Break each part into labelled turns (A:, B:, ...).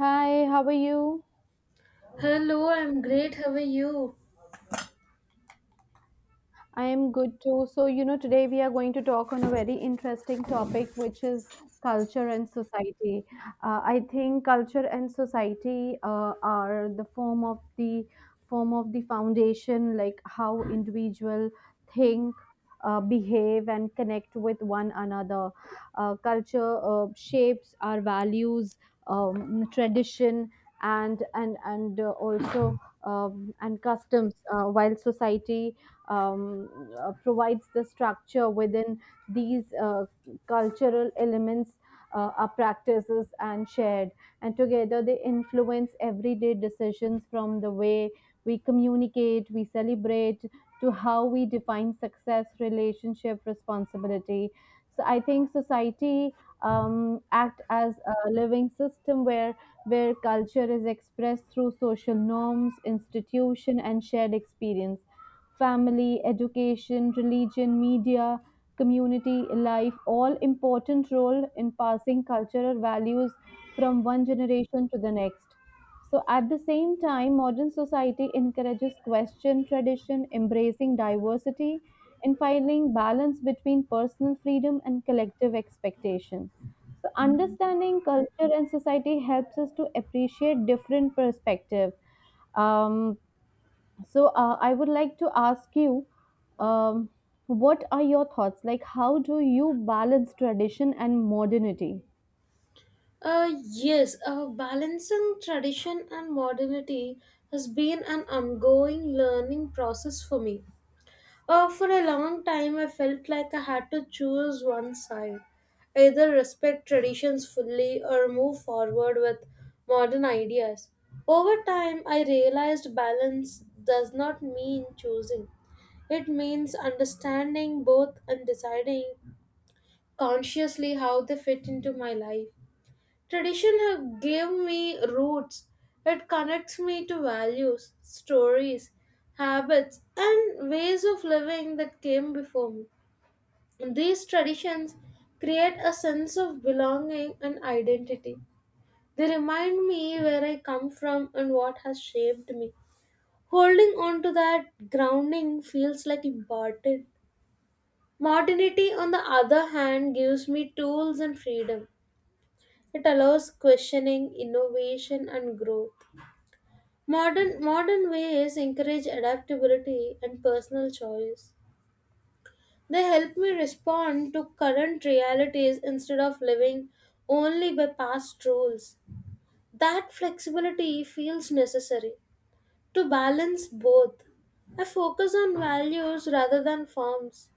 A: Hi, how are you?
B: Hello, I'm great. How are you?
A: I am good too. So, today we are going to talk on a very interesting topic, which is culture and society. I think culture and society are the form of the foundation, like how individual think, behave, and connect with one another. Culture shapes our values, tradition, and also and customs, while society um, provides the structure within these cultural elements are practices and shared, and together they influence everyday decisions, from the way we communicate, we celebrate, to how we define success, relationship, responsibility. So I think society act as a living system where culture is expressed through social norms, institution, and shared experience. Family, education, religion, media, community life all important role in passing cultural values from one generation to the next. So at the same time, modern society encourages question, tradition, embracing diversity, and finding balance between personal freedom and collective expectation. So understanding culture and society helps us to appreciate different perspective. um, I would like to ask you, um, what are your thoughts? Like, how do you balance tradition and modernity?
B: Yes, balancing tradition and modernity has been an ongoing learning process for me. For a long time, I felt like I had to choose one side, either respect traditions fully or move forward with modern ideas. Over time, I realized balance does not mean choosing. It means understanding both and deciding consciously how they fit into my life. Tradition have give me roots. It connects me to values, stories, habits, and ways of living that came before me. These traditions create a sense of belonging and identity. They remind me where I come from and what has shaped me. Holding on to that grounding feels like important. Modernity, on the other hand, gives me tools and freedom. It allows questioning, innovation, and growth. Modern ways encourage adaptability and personal choice. They help me respond to current realities instead of living only by past rules. That flexibility feels necessary to balance both. I focus on values rather than forms.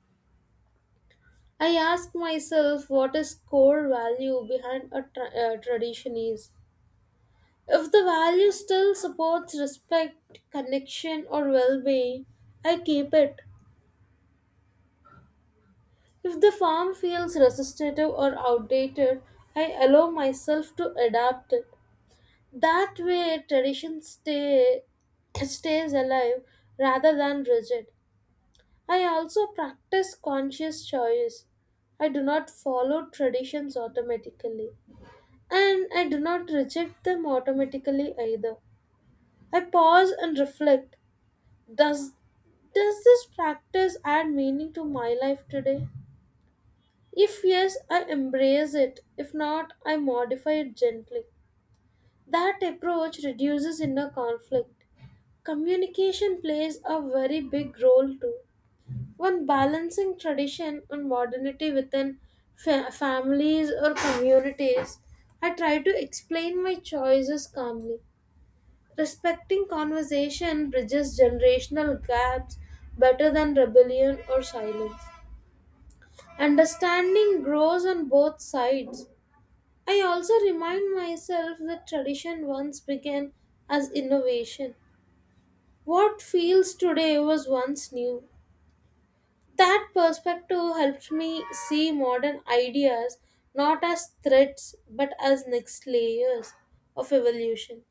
B: I ask myself what is core value behind a tradition is. If the value still supports respect, connection, or well being, I keep it. If the form feels resistive or outdated, I allow myself to adapt it. That way, stays alive rather than rigid. I also practice conscious choice. I do not follow traditions automatically, and I do not reject them automatically either. I pause and reflect. Does Does this practice add meaning to my life today? If yes, I embrace it. If not, I modify it gently. That approach reduces inner conflict. Communication plays a very big role too. When balancing tradition and modernity within families or communities, I try to explain my choices calmly. Respecting conversation bridges generational gaps better than rebellion or silence. Understanding grows on both sides. I also remind myself that tradition once began as innovation. What feels today was once new. That perspective helps me see modern ideas not as threats but as next layers of evolution.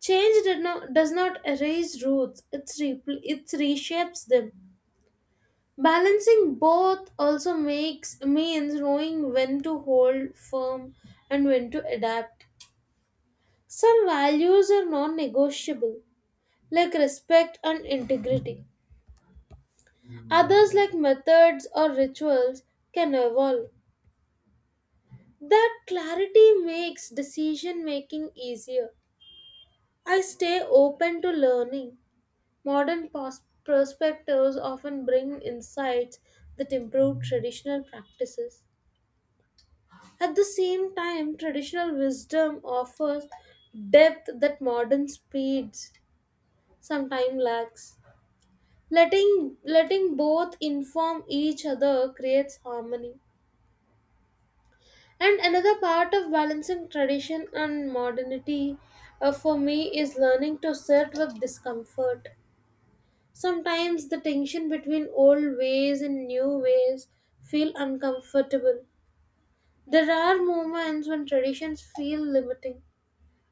B: Change did not, does not erase roots, it reshapes them. Balancing both also makes means knowing when to hold firm and when to adapt. Some values are non-negotiable, like respect and integrity. Others like methods or rituals can evolve. That clarity makes decision making easier. I stay open to learning. Perspectives often bring insights that improve traditional practices. At the same time, traditional wisdom offers depth that modern speeds sometimes lacks. Letting both inform each other creates harmony. And another part of balancing tradition and modernity, for me, is learning to sit with discomfort. Sometimes the tension between old ways and new ways feel uncomfortable. There are moments when traditions feel limiting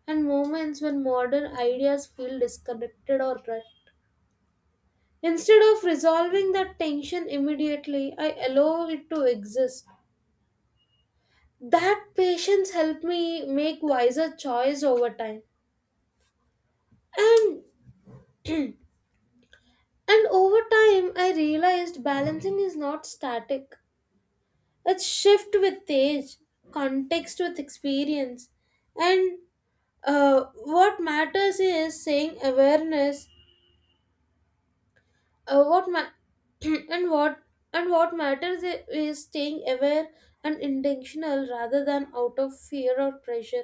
B: and moments when modern ideas feel disconnected or dry. Instead of resolving that tension immediately, I allow it to exist. That patience helped me make wiser choice over time. And and over time I realized balancing is not static. It's shift with age, context with experience. And what matters is saying awareness. Uh, what ma- and what and what matters is staying aware and intentional rather than out of fear or pressure.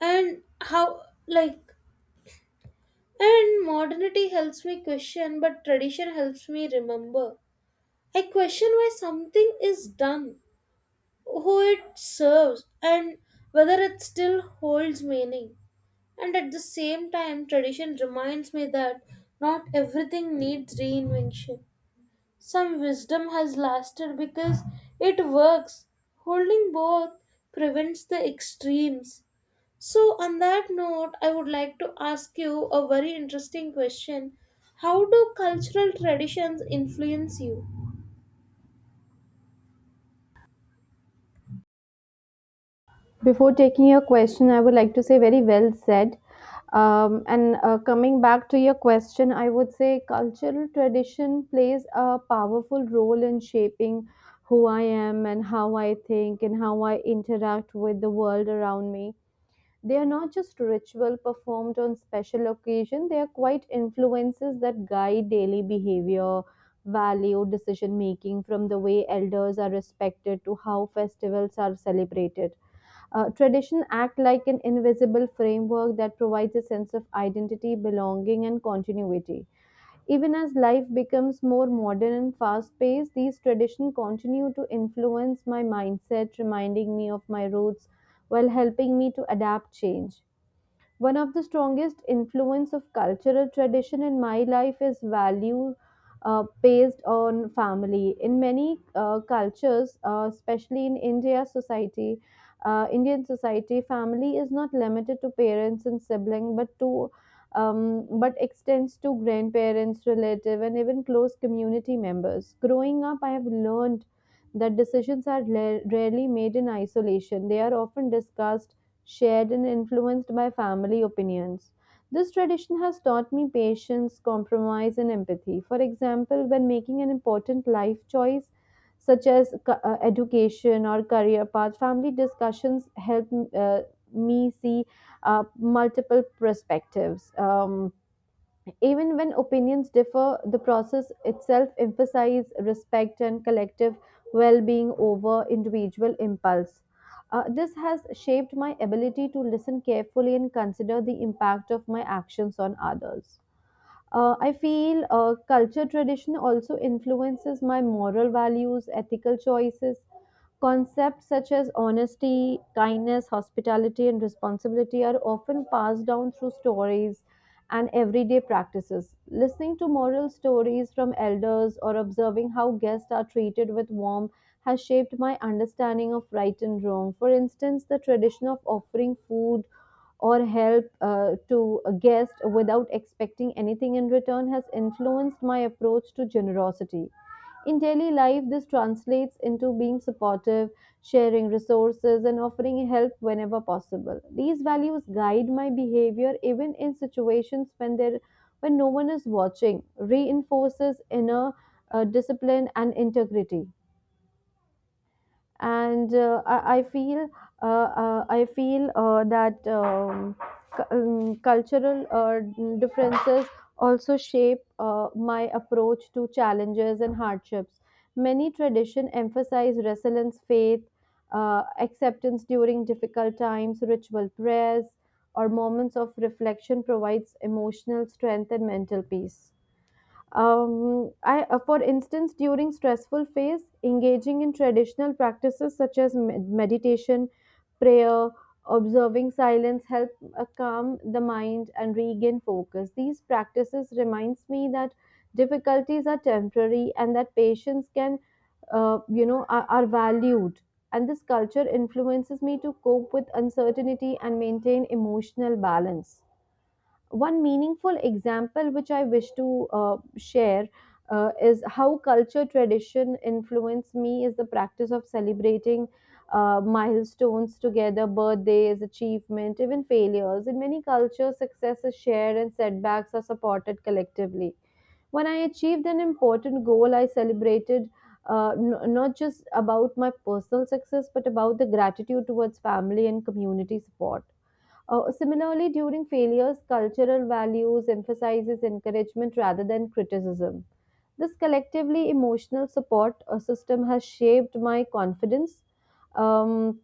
B: And how like and modernity helps me question, but tradition helps me remember. I question why something is done, who it serves, and whether it still holds meaning. And at the same time, tradition reminds me that not everything needs reinvention. Some wisdom has lasted because it works. Holding both prevents the extremes. So, on that note, I would like to ask you a very interesting question. How do cultural traditions influence you?
A: Before taking your question, I would like to say very well said. And Coming back to your question, I would say cultural tradition plays a powerful role in shaping who I am and how I think and how I interact with the world around me. They are not just ritual performed on special occasion, they are quite influences that guide daily behavior, value, decision making, from the way elders are respected to how festivals are celebrated. Tradition act like an invisible framework that provides a sense of identity, belonging, and continuity. Even as life becomes more modern and fast paced, these traditions continue to influence my mindset, reminding me of my roots while helping me to adapt change. One of the strongest influence of cultural tradition in my life is value based on family. In many cultures, especially in Indian society, family is not limited to parents and sibling, but to but extends to grandparents, relative, and even close community members. Growing up, I have learned that decisions are rarely made in isolation. They are often discussed, shared, and influenced by family opinions. This tradition has taught me patience, compromise, and empathy. For example, when making an important life choice, such as education or career path, family discussions help uh, me see multiple perspectives. Even when opinions differ, the process itself emphasizes respect and collective well being over individual impulse. This has shaped my ability to listen carefully and consider the impact of my actions on others. I feel culture tradition also influences my moral values, ethical choices. Concepts such as honesty, kindness, hospitality, and responsibility are often passed down through stories and everyday practices. Listening to moral stories from elders or observing how guests are treated with warmth has shaped my understanding of right and wrong. For instance, the tradition of offering food or help to a guest without expecting anything in return has influenced my approach to generosity. In daily life, this translates into being supportive, sharing resources, and offering help whenever possible. These values guide my behavior even in situations when no one is watching, reinforces inner discipline and integrity. And I feel that cu- Cultural differences also shape my approach to challenges and hardships. Many tradition emphasize resilience, faith, acceptance during difficult times. Ritual prayers, or moments of reflection provides emotional strength and mental peace. For instance, during stressful phase, engaging in traditional practices such as meditation, prayer, observing silence help calm the mind and regain focus. These practices reminds me that difficulties are temporary and that patience can, you know, are valued. And this culture influences me to cope with uncertainty and maintain emotional balance. One meaningful example which I wish to share is how culture tradition influenced me is the practice of celebrating milestones together, birthdays, achievement, even failures. In many cultures success is shared and setbacks are supported collectively. When I achieved an important goal I celebrated, not just about my personal success but about the gratitude towards family and community support. Similarly, during failures, cultural values emphasizes encouragement rather than criticism. This collectively emotional support system has shaped my confidence, um,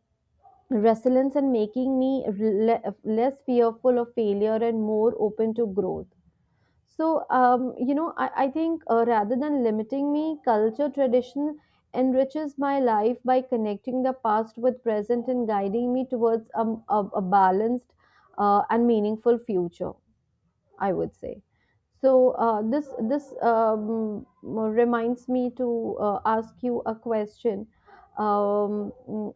A: resilience, and making me less fearful of failure and more open to growth. So I think rather than limiting me, culture tradition enriches my life by connecting the past with present and guiding me towards a balanced and meaningful future, I would say. So, this, this reminds me to ask you a question. Mm,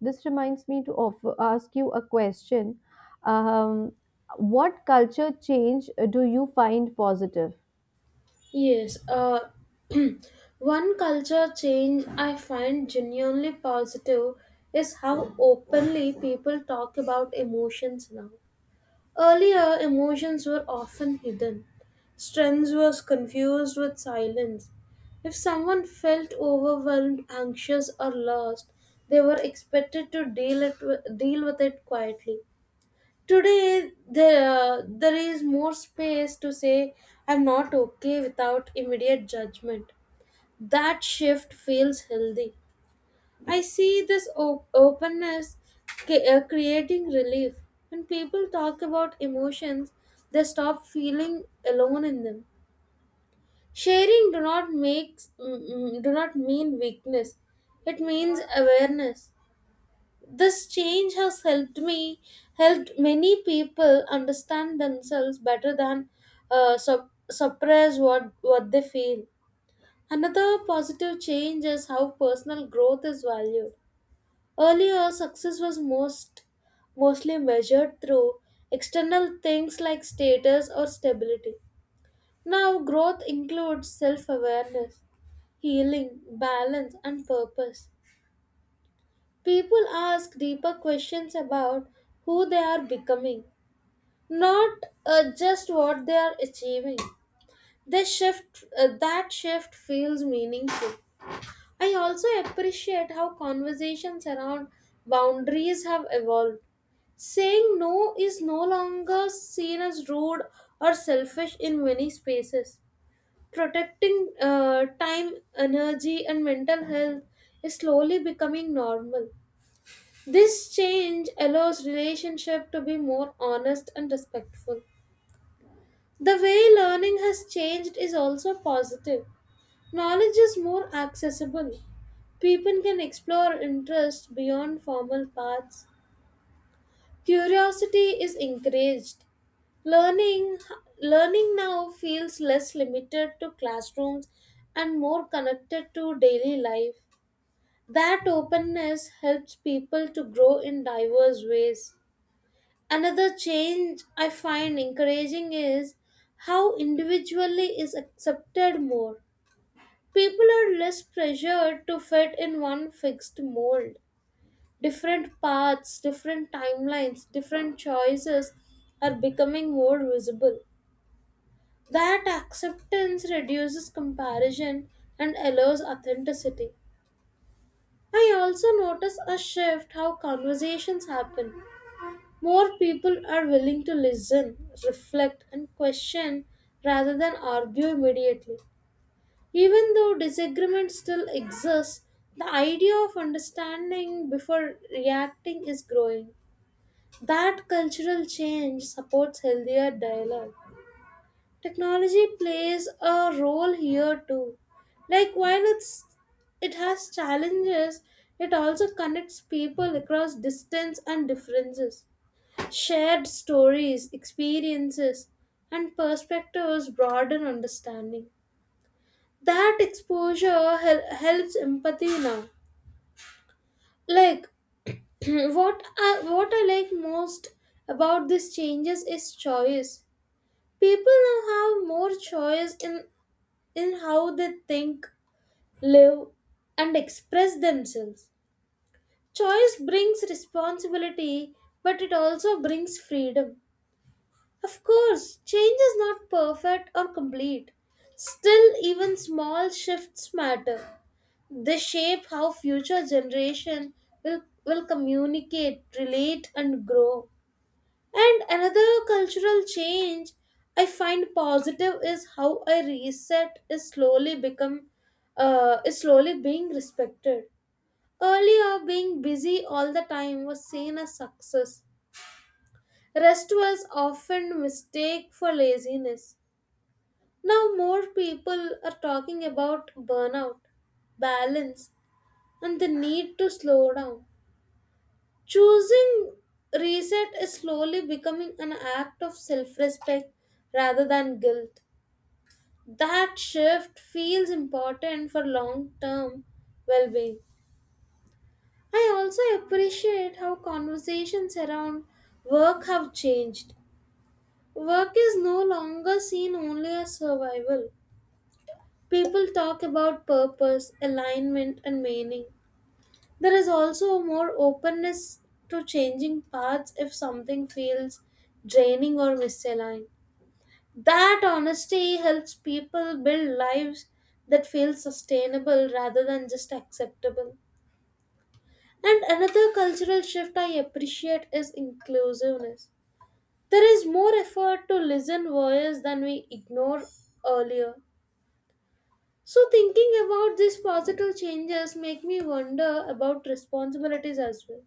A: this reminds me to offer, ask you a question. Um, what culture change do you find positive?
B: Yes, uh, one culture change I find genuinely positive is how openly people talk about emotions now. Earlier, emotions were often hidden. Strength was confused with silence. If someone felt overwhelmed, anxious, or lost, they were expected to deal with it quietly. Today, there is more space to say, I'm not okay, without immediate judgment. That shift feels healthy. I see this openness creating relief. When people talk about emotions, they stop feeling alone in them. Sharing do not makes mm, mm, do not mean weakness. It means awareness. This change has helped many people understand themselves better than suppress what they feel. Another positive change is how personal growth is valued. Earlier, success was mostly measured through external things like status or stability. Now, growth includes self awareness, healing, balance, and purpose. People ask deeper questions about who they are becoming, not just what they are achieving. That shift feels meaningful. I also appreciate how conversations around boundaries have evolved. Saying no is no longer seen as rude or selfish in many spaces. Protecting time, energy, and mental health is slowly becoming normal. This change allows relationship to be more honest and respectful. The way learning has changed is also positive. Knowledge is more accessible. People can explore interests beyond formal paths. Curiosity is encouraged. Learning, learning now feels less limited to classrooms and more connected to daily life. That openness helps people to grow in diverse ways. Another change I find encouraging is how individually is accepted more. People are less pressured to fit in one fixed mold. Different paths, different timelines, different choices are becoming more visible. That acceptance reduces comparison and allows authenticity. I also notice a shift how conversations happen. More people are willing to listen, reflect, and question rather than argue immediately. Even though disagreement still exists, the idea of understanding before reacting is growing. That cultural change supports healthier dialogue. Technology plays a role here too. While it has challenges, it also connects people across distance and differences. Shared stories, experiences, and perspectives broaden understanding. That exposure helps empathy now. Like what I like most about these changes is choice. People now have more choice in how they think, live, and express themselves. Choice brings responsibility, but it also brings freedom. Of course, change is not perfect or complete. Still, even small shifts matter. They shape how future generation will communicate, relate, and grow. And another cultural change I find positive is how a reset is slowly being respected. Earlier, being busy all the time was seen as success. Rest was often mistake for laziness. Now more people are talking about burnout, balance, and the need to slow down. Choosing reset is slowly becoming an act of self respect rather than guilt. That shift feels important for long term well being. I also appreciate how conversations around work have changed. Work is no longer seen only as survival. People talk about purpose, alignment, and meaning. There is also more openness to changing paths if something feels draining or misaligned. That honesty helps people build lives that feel sustainable rather than just acceptable. And another cultural shift I appreciate is inclusiveness. There is more effort to listen voices than we ignore earlier. So thinking about these positive changes make me wonder about responsibilities as well.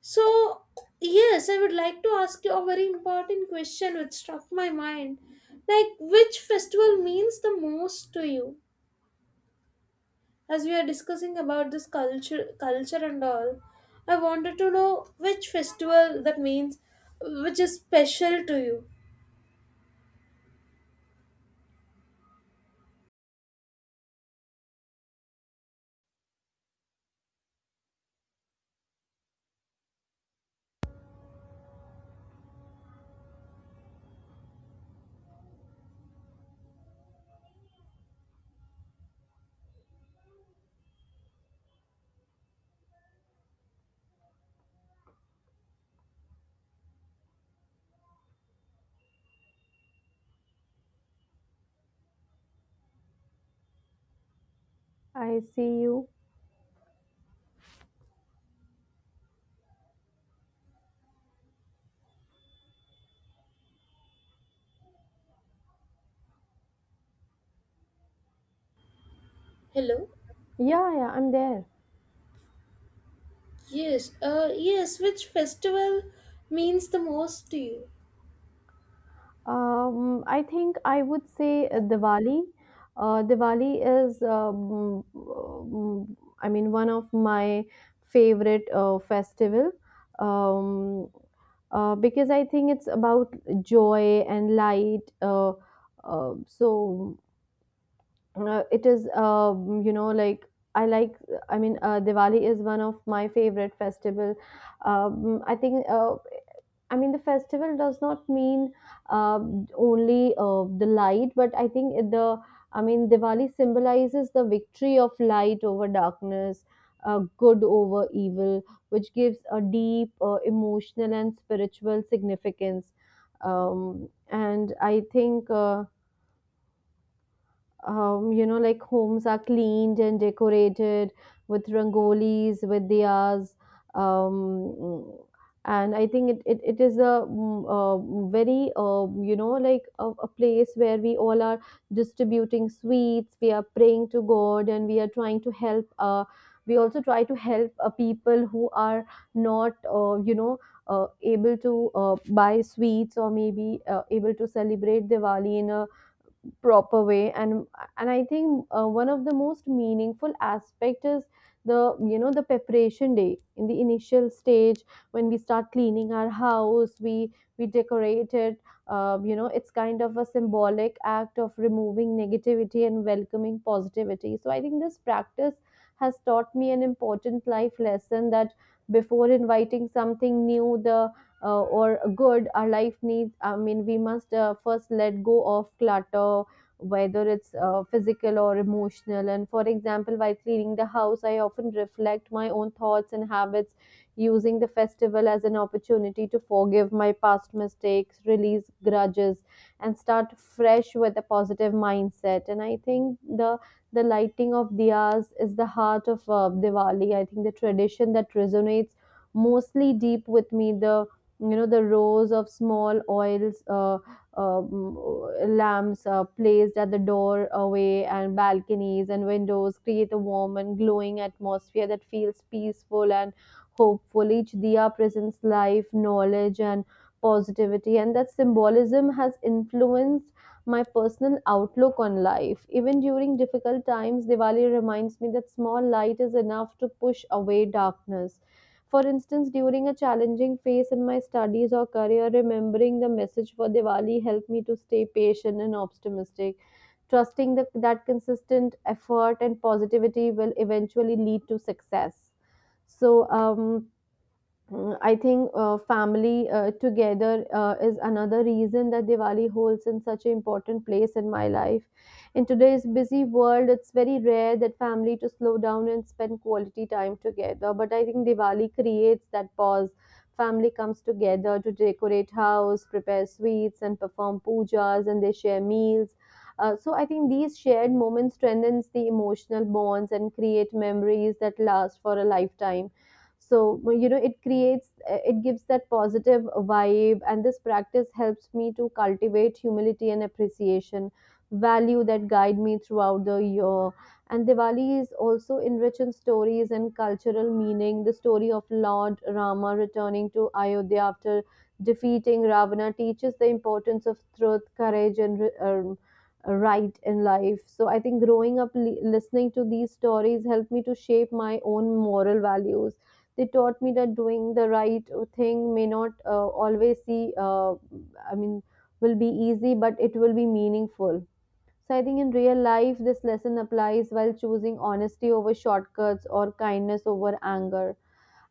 B: So, yes, I would like to ask you a very important question which struck my mind. Like, which festival means the most to you? As we are discussing about this culture and all, I wanted to know which festival that means, which is special to you.
A: I see you.
B: Hello.
A: Yeah, yeah, I'm there.
B: Yes. Yes. Which festival means the most to you?
A: I think I would say Diwali. Diwali is, one of my favorite festival, um, because I think it's about joy and light. So it is, you know, like. I mean, Diwali is one of my favorite festival. I think. I mean, The festival does not mean uh, only the light, but I think Diwali symbolizes the victory of light over darkness, good over evil, which gives a deep emotional and spiritual significance. Um, and I think. You know, like Homes are cleaned and decorated with rangolis, with diyas. Um, and I think it, it, it is a, very, a place where we all are distributing sweets, we are praying to God, and we are trying to help. We also try to help people who are not, able to buy sweets, or maybe able to celebrate Diwali in a proper way. And I think one of the most meaningful aspect is the you know the preparation day in the initial stage. When we start cleaning our house we decorate it, it's kind of a symbolic act of removing negativity and welcoming positivity. So I think this practice has taught me an important life lesson that before inviting something new the or good our life needs, I mean, we must first let go of clutter, whether it's physical or emotional. And for example, while cleaning the house I often reflect my own thoughts and habits, using the festival as an opportunity to forgive my past mistakes, release grudges, and start fresh with a positive mindset. And I think the lighting of diyas is the heart of Diwali. I think the tradition that resonates mostly deep with me, the you know the rows of small oils um, lamps placed at the doorway and balconies and windows create a warm and glowing atmosphere that feels peaceful and hopeful. Each diya presents life, knowledge, and positivity, and that symbolism has influenced my personal outlook on life. Even during difficult times, Diwali reminds me that small light is enough to push away darkness. For instance, during a challenging phase in my studies or career, remembering the message for Diwali helped me to stay patient and optimistic, trusting that consistent effort and positivity will eventually lead to success. So I think family together is another reason that Diwali holds in such an important place in my life. In today's busy world, it's very rare that family to slow down and spend quality time together. But I think Diwali creates that pause. Family comes together to decorate house, prepare sweets, and perform pujas, and they share meals. So I think these shared moments strengthens the emotional bonds and create memories that last for a lifetime. So well, you know, it creates, it gives that positive vibe, and this practice helps me to cultivate humility and appreciation value that guide me throughout the year. And Diwali is also enriched in stories and cultural meaning. The story of Lord Rama returning to Ayodhya after defeating Ravana teaches the importance of truth, courage, and right in life. So I think growing up listening to these stories helped me to shape my own moral values. They taught me that doing the right thing may not always see i mean will be easy, but it will be meaningful. So I think in real life this lesson applies while choosing honesty over shortcuts or kindness over anger.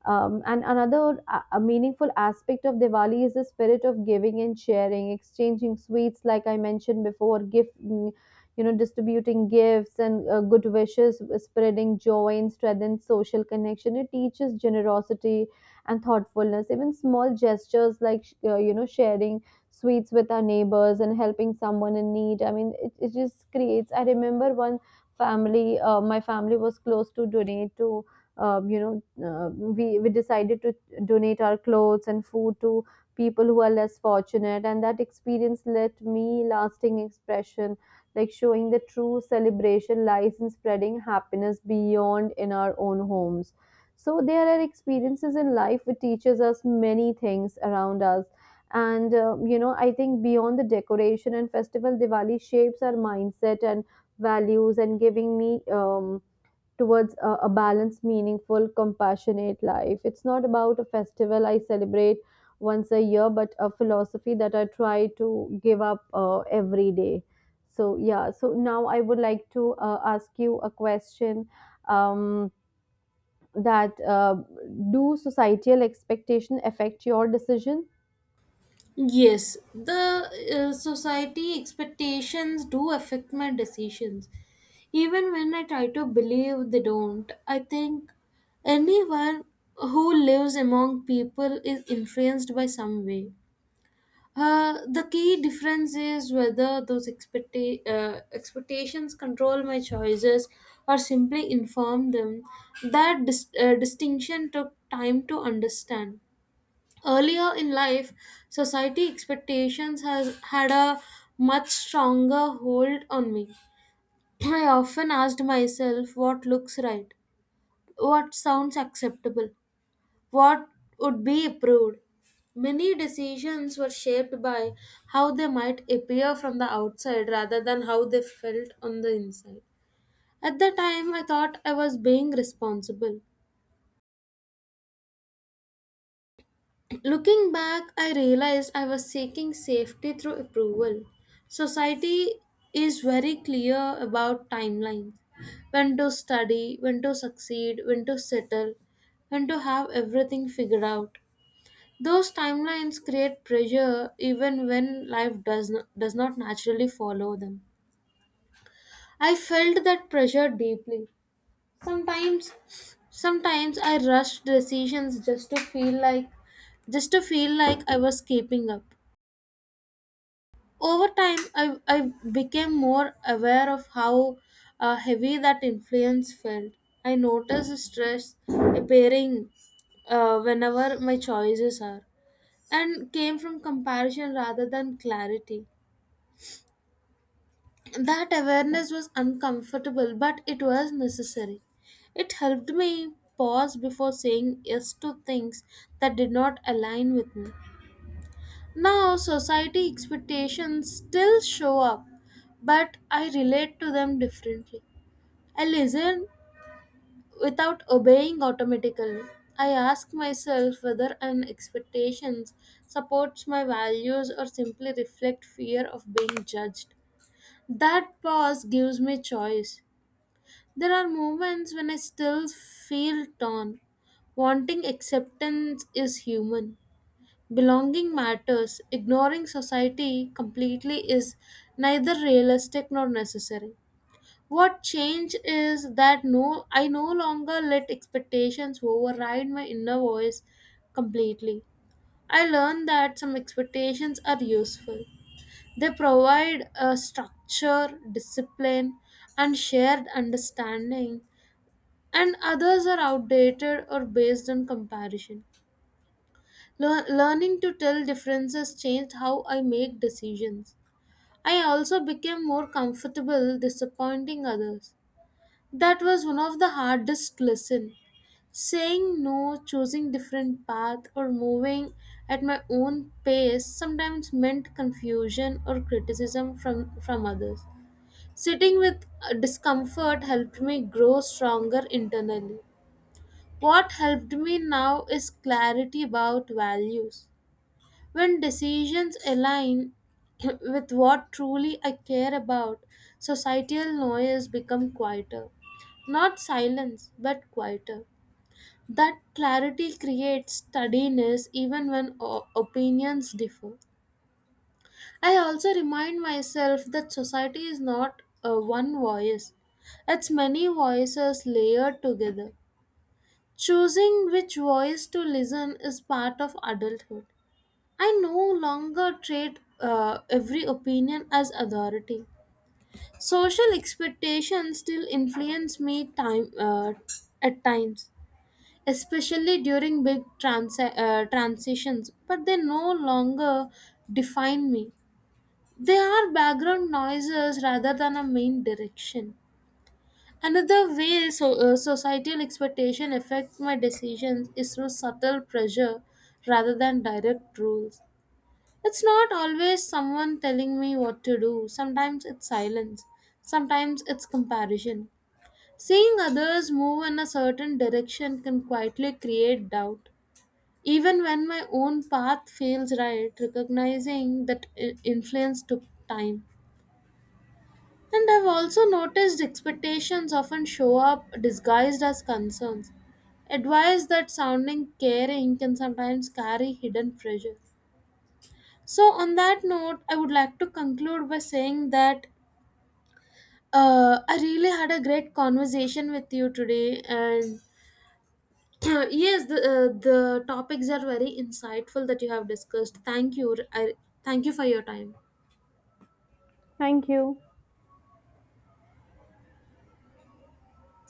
A: And another a meaningful aspect of Diwali is the spirit of giving and sharing, exchanging sweets, like I mentioned before, gift, mm, you know, distributing gifts and good wishes, spreading joy and strengthens social connection. It teaches generosity and thoughtfulness. Even small gestures like sharing sweets with our neighbors and helping someone in need. I mean, it just creates. I remember one family, my family was close to donate to we decided to donate our clothes and food to people who are less fortunate. And that experience left me lasting expression, like showing the true celebration lies in spreading happiness beyond in our own homes. So there are experiences in life which teaches us many things around us. I think beyond the decoration and festival, Diwali shapes our mindset and values, and giving me towards a balanced, meaningful, compassionate life. It's not about a festival I celebrate once a year, but a philosophy that I try to give up every day. So, yeah, so now I would like to ask you a question um, that do societal expectation affect your decision?
B: Yes, the society expectations do affect my decisions. Even when I try to believe they don't, I think anyone who lives among people is influenced by some way. The key difference is whether those expectations control my choices or simply inform them. That distinction took time to understand. Earlier in life, society expectations has had a much stronger hold on me. I often asked myself what looks right, what sounds acceptable, what would be approved. Many decisions were shaped by how they might appear from the outside rather than how they felt on the inside. At the time I thought I was being responsible. Looking back, I realized I was seeking safety through approval. Society is very clear about timelines, when to study, when to succeed, when to settle, when to have everything figured out. Those timelines create pressure even when life does not naturally follow them. I felt that pressure deeply. Sometimes, sometimes I rushed decisions just to feel like I was keeping up. Over time, I became more aware of how heavy that influence felt. I noticed stress appearing whenever my choices are and came from comparison rather than clarity. That awareness was uncomfortable, but it was necessary. It helped me pause before saying yes to things that did not align with me. Now, society expectations still show up, but I relate to them differently. I listen without obeying automatically. I ask myself whether an expectation supports my values or simply reflect fear of being judged. That pause gives me choice. There are moments when I still feel torn. Wanting acceptance is human. Belonging matters. Ignoring society completely is neither realistic nor necessary. What change is that no I no longer let expectations override my inner voice completely. I learned that some expectations are useful. They provide a structure, discipline, and shared understanding, and others are outdated or based on comparison. Learning to tell differences changed how I make decisions. I also became more comfortable disappointing others. That was one of the hardest lessons. Saying no, choosing different path or moving at my own pace sometimes meant confusion or criticism from others. Sitting with discomfort helped me grow stronger internally. What helped me now is clarity about values. When decisions align with what truly I care about, societal noise become quieter. Not silence, but quieter. That clarity creates steadiness even when opinions differ. I also remind myself that society is not a one voice, it's many voices layered together. Choosing which voice to listen is part of adulthood. I no longer treat every opinion as authority. Social expectations still influence me time at times, especially during big transitions, but they no longer define me. They are background noises rather than a main direction. Another way societal expectation affects my decisions is through subtle pressure rather than direct rules. It's not always someone telling me what to do. Sometimes it's silence. Sometimes it's comparison. Seeing others move in a certain direction can quietly create doubt. Even when my own path feels right, recognizing that influence took time. And I've also noticed expectations often show up disguised as concerns. Advice that sounding caring can sometimes carry hidden pressure. So, on that note, I would like to conclude by saying that I really had a great conversation with you today, and yes, the the topics are very insightful that you have discussed. Thank you. I thank you for your time.
A: Thank you.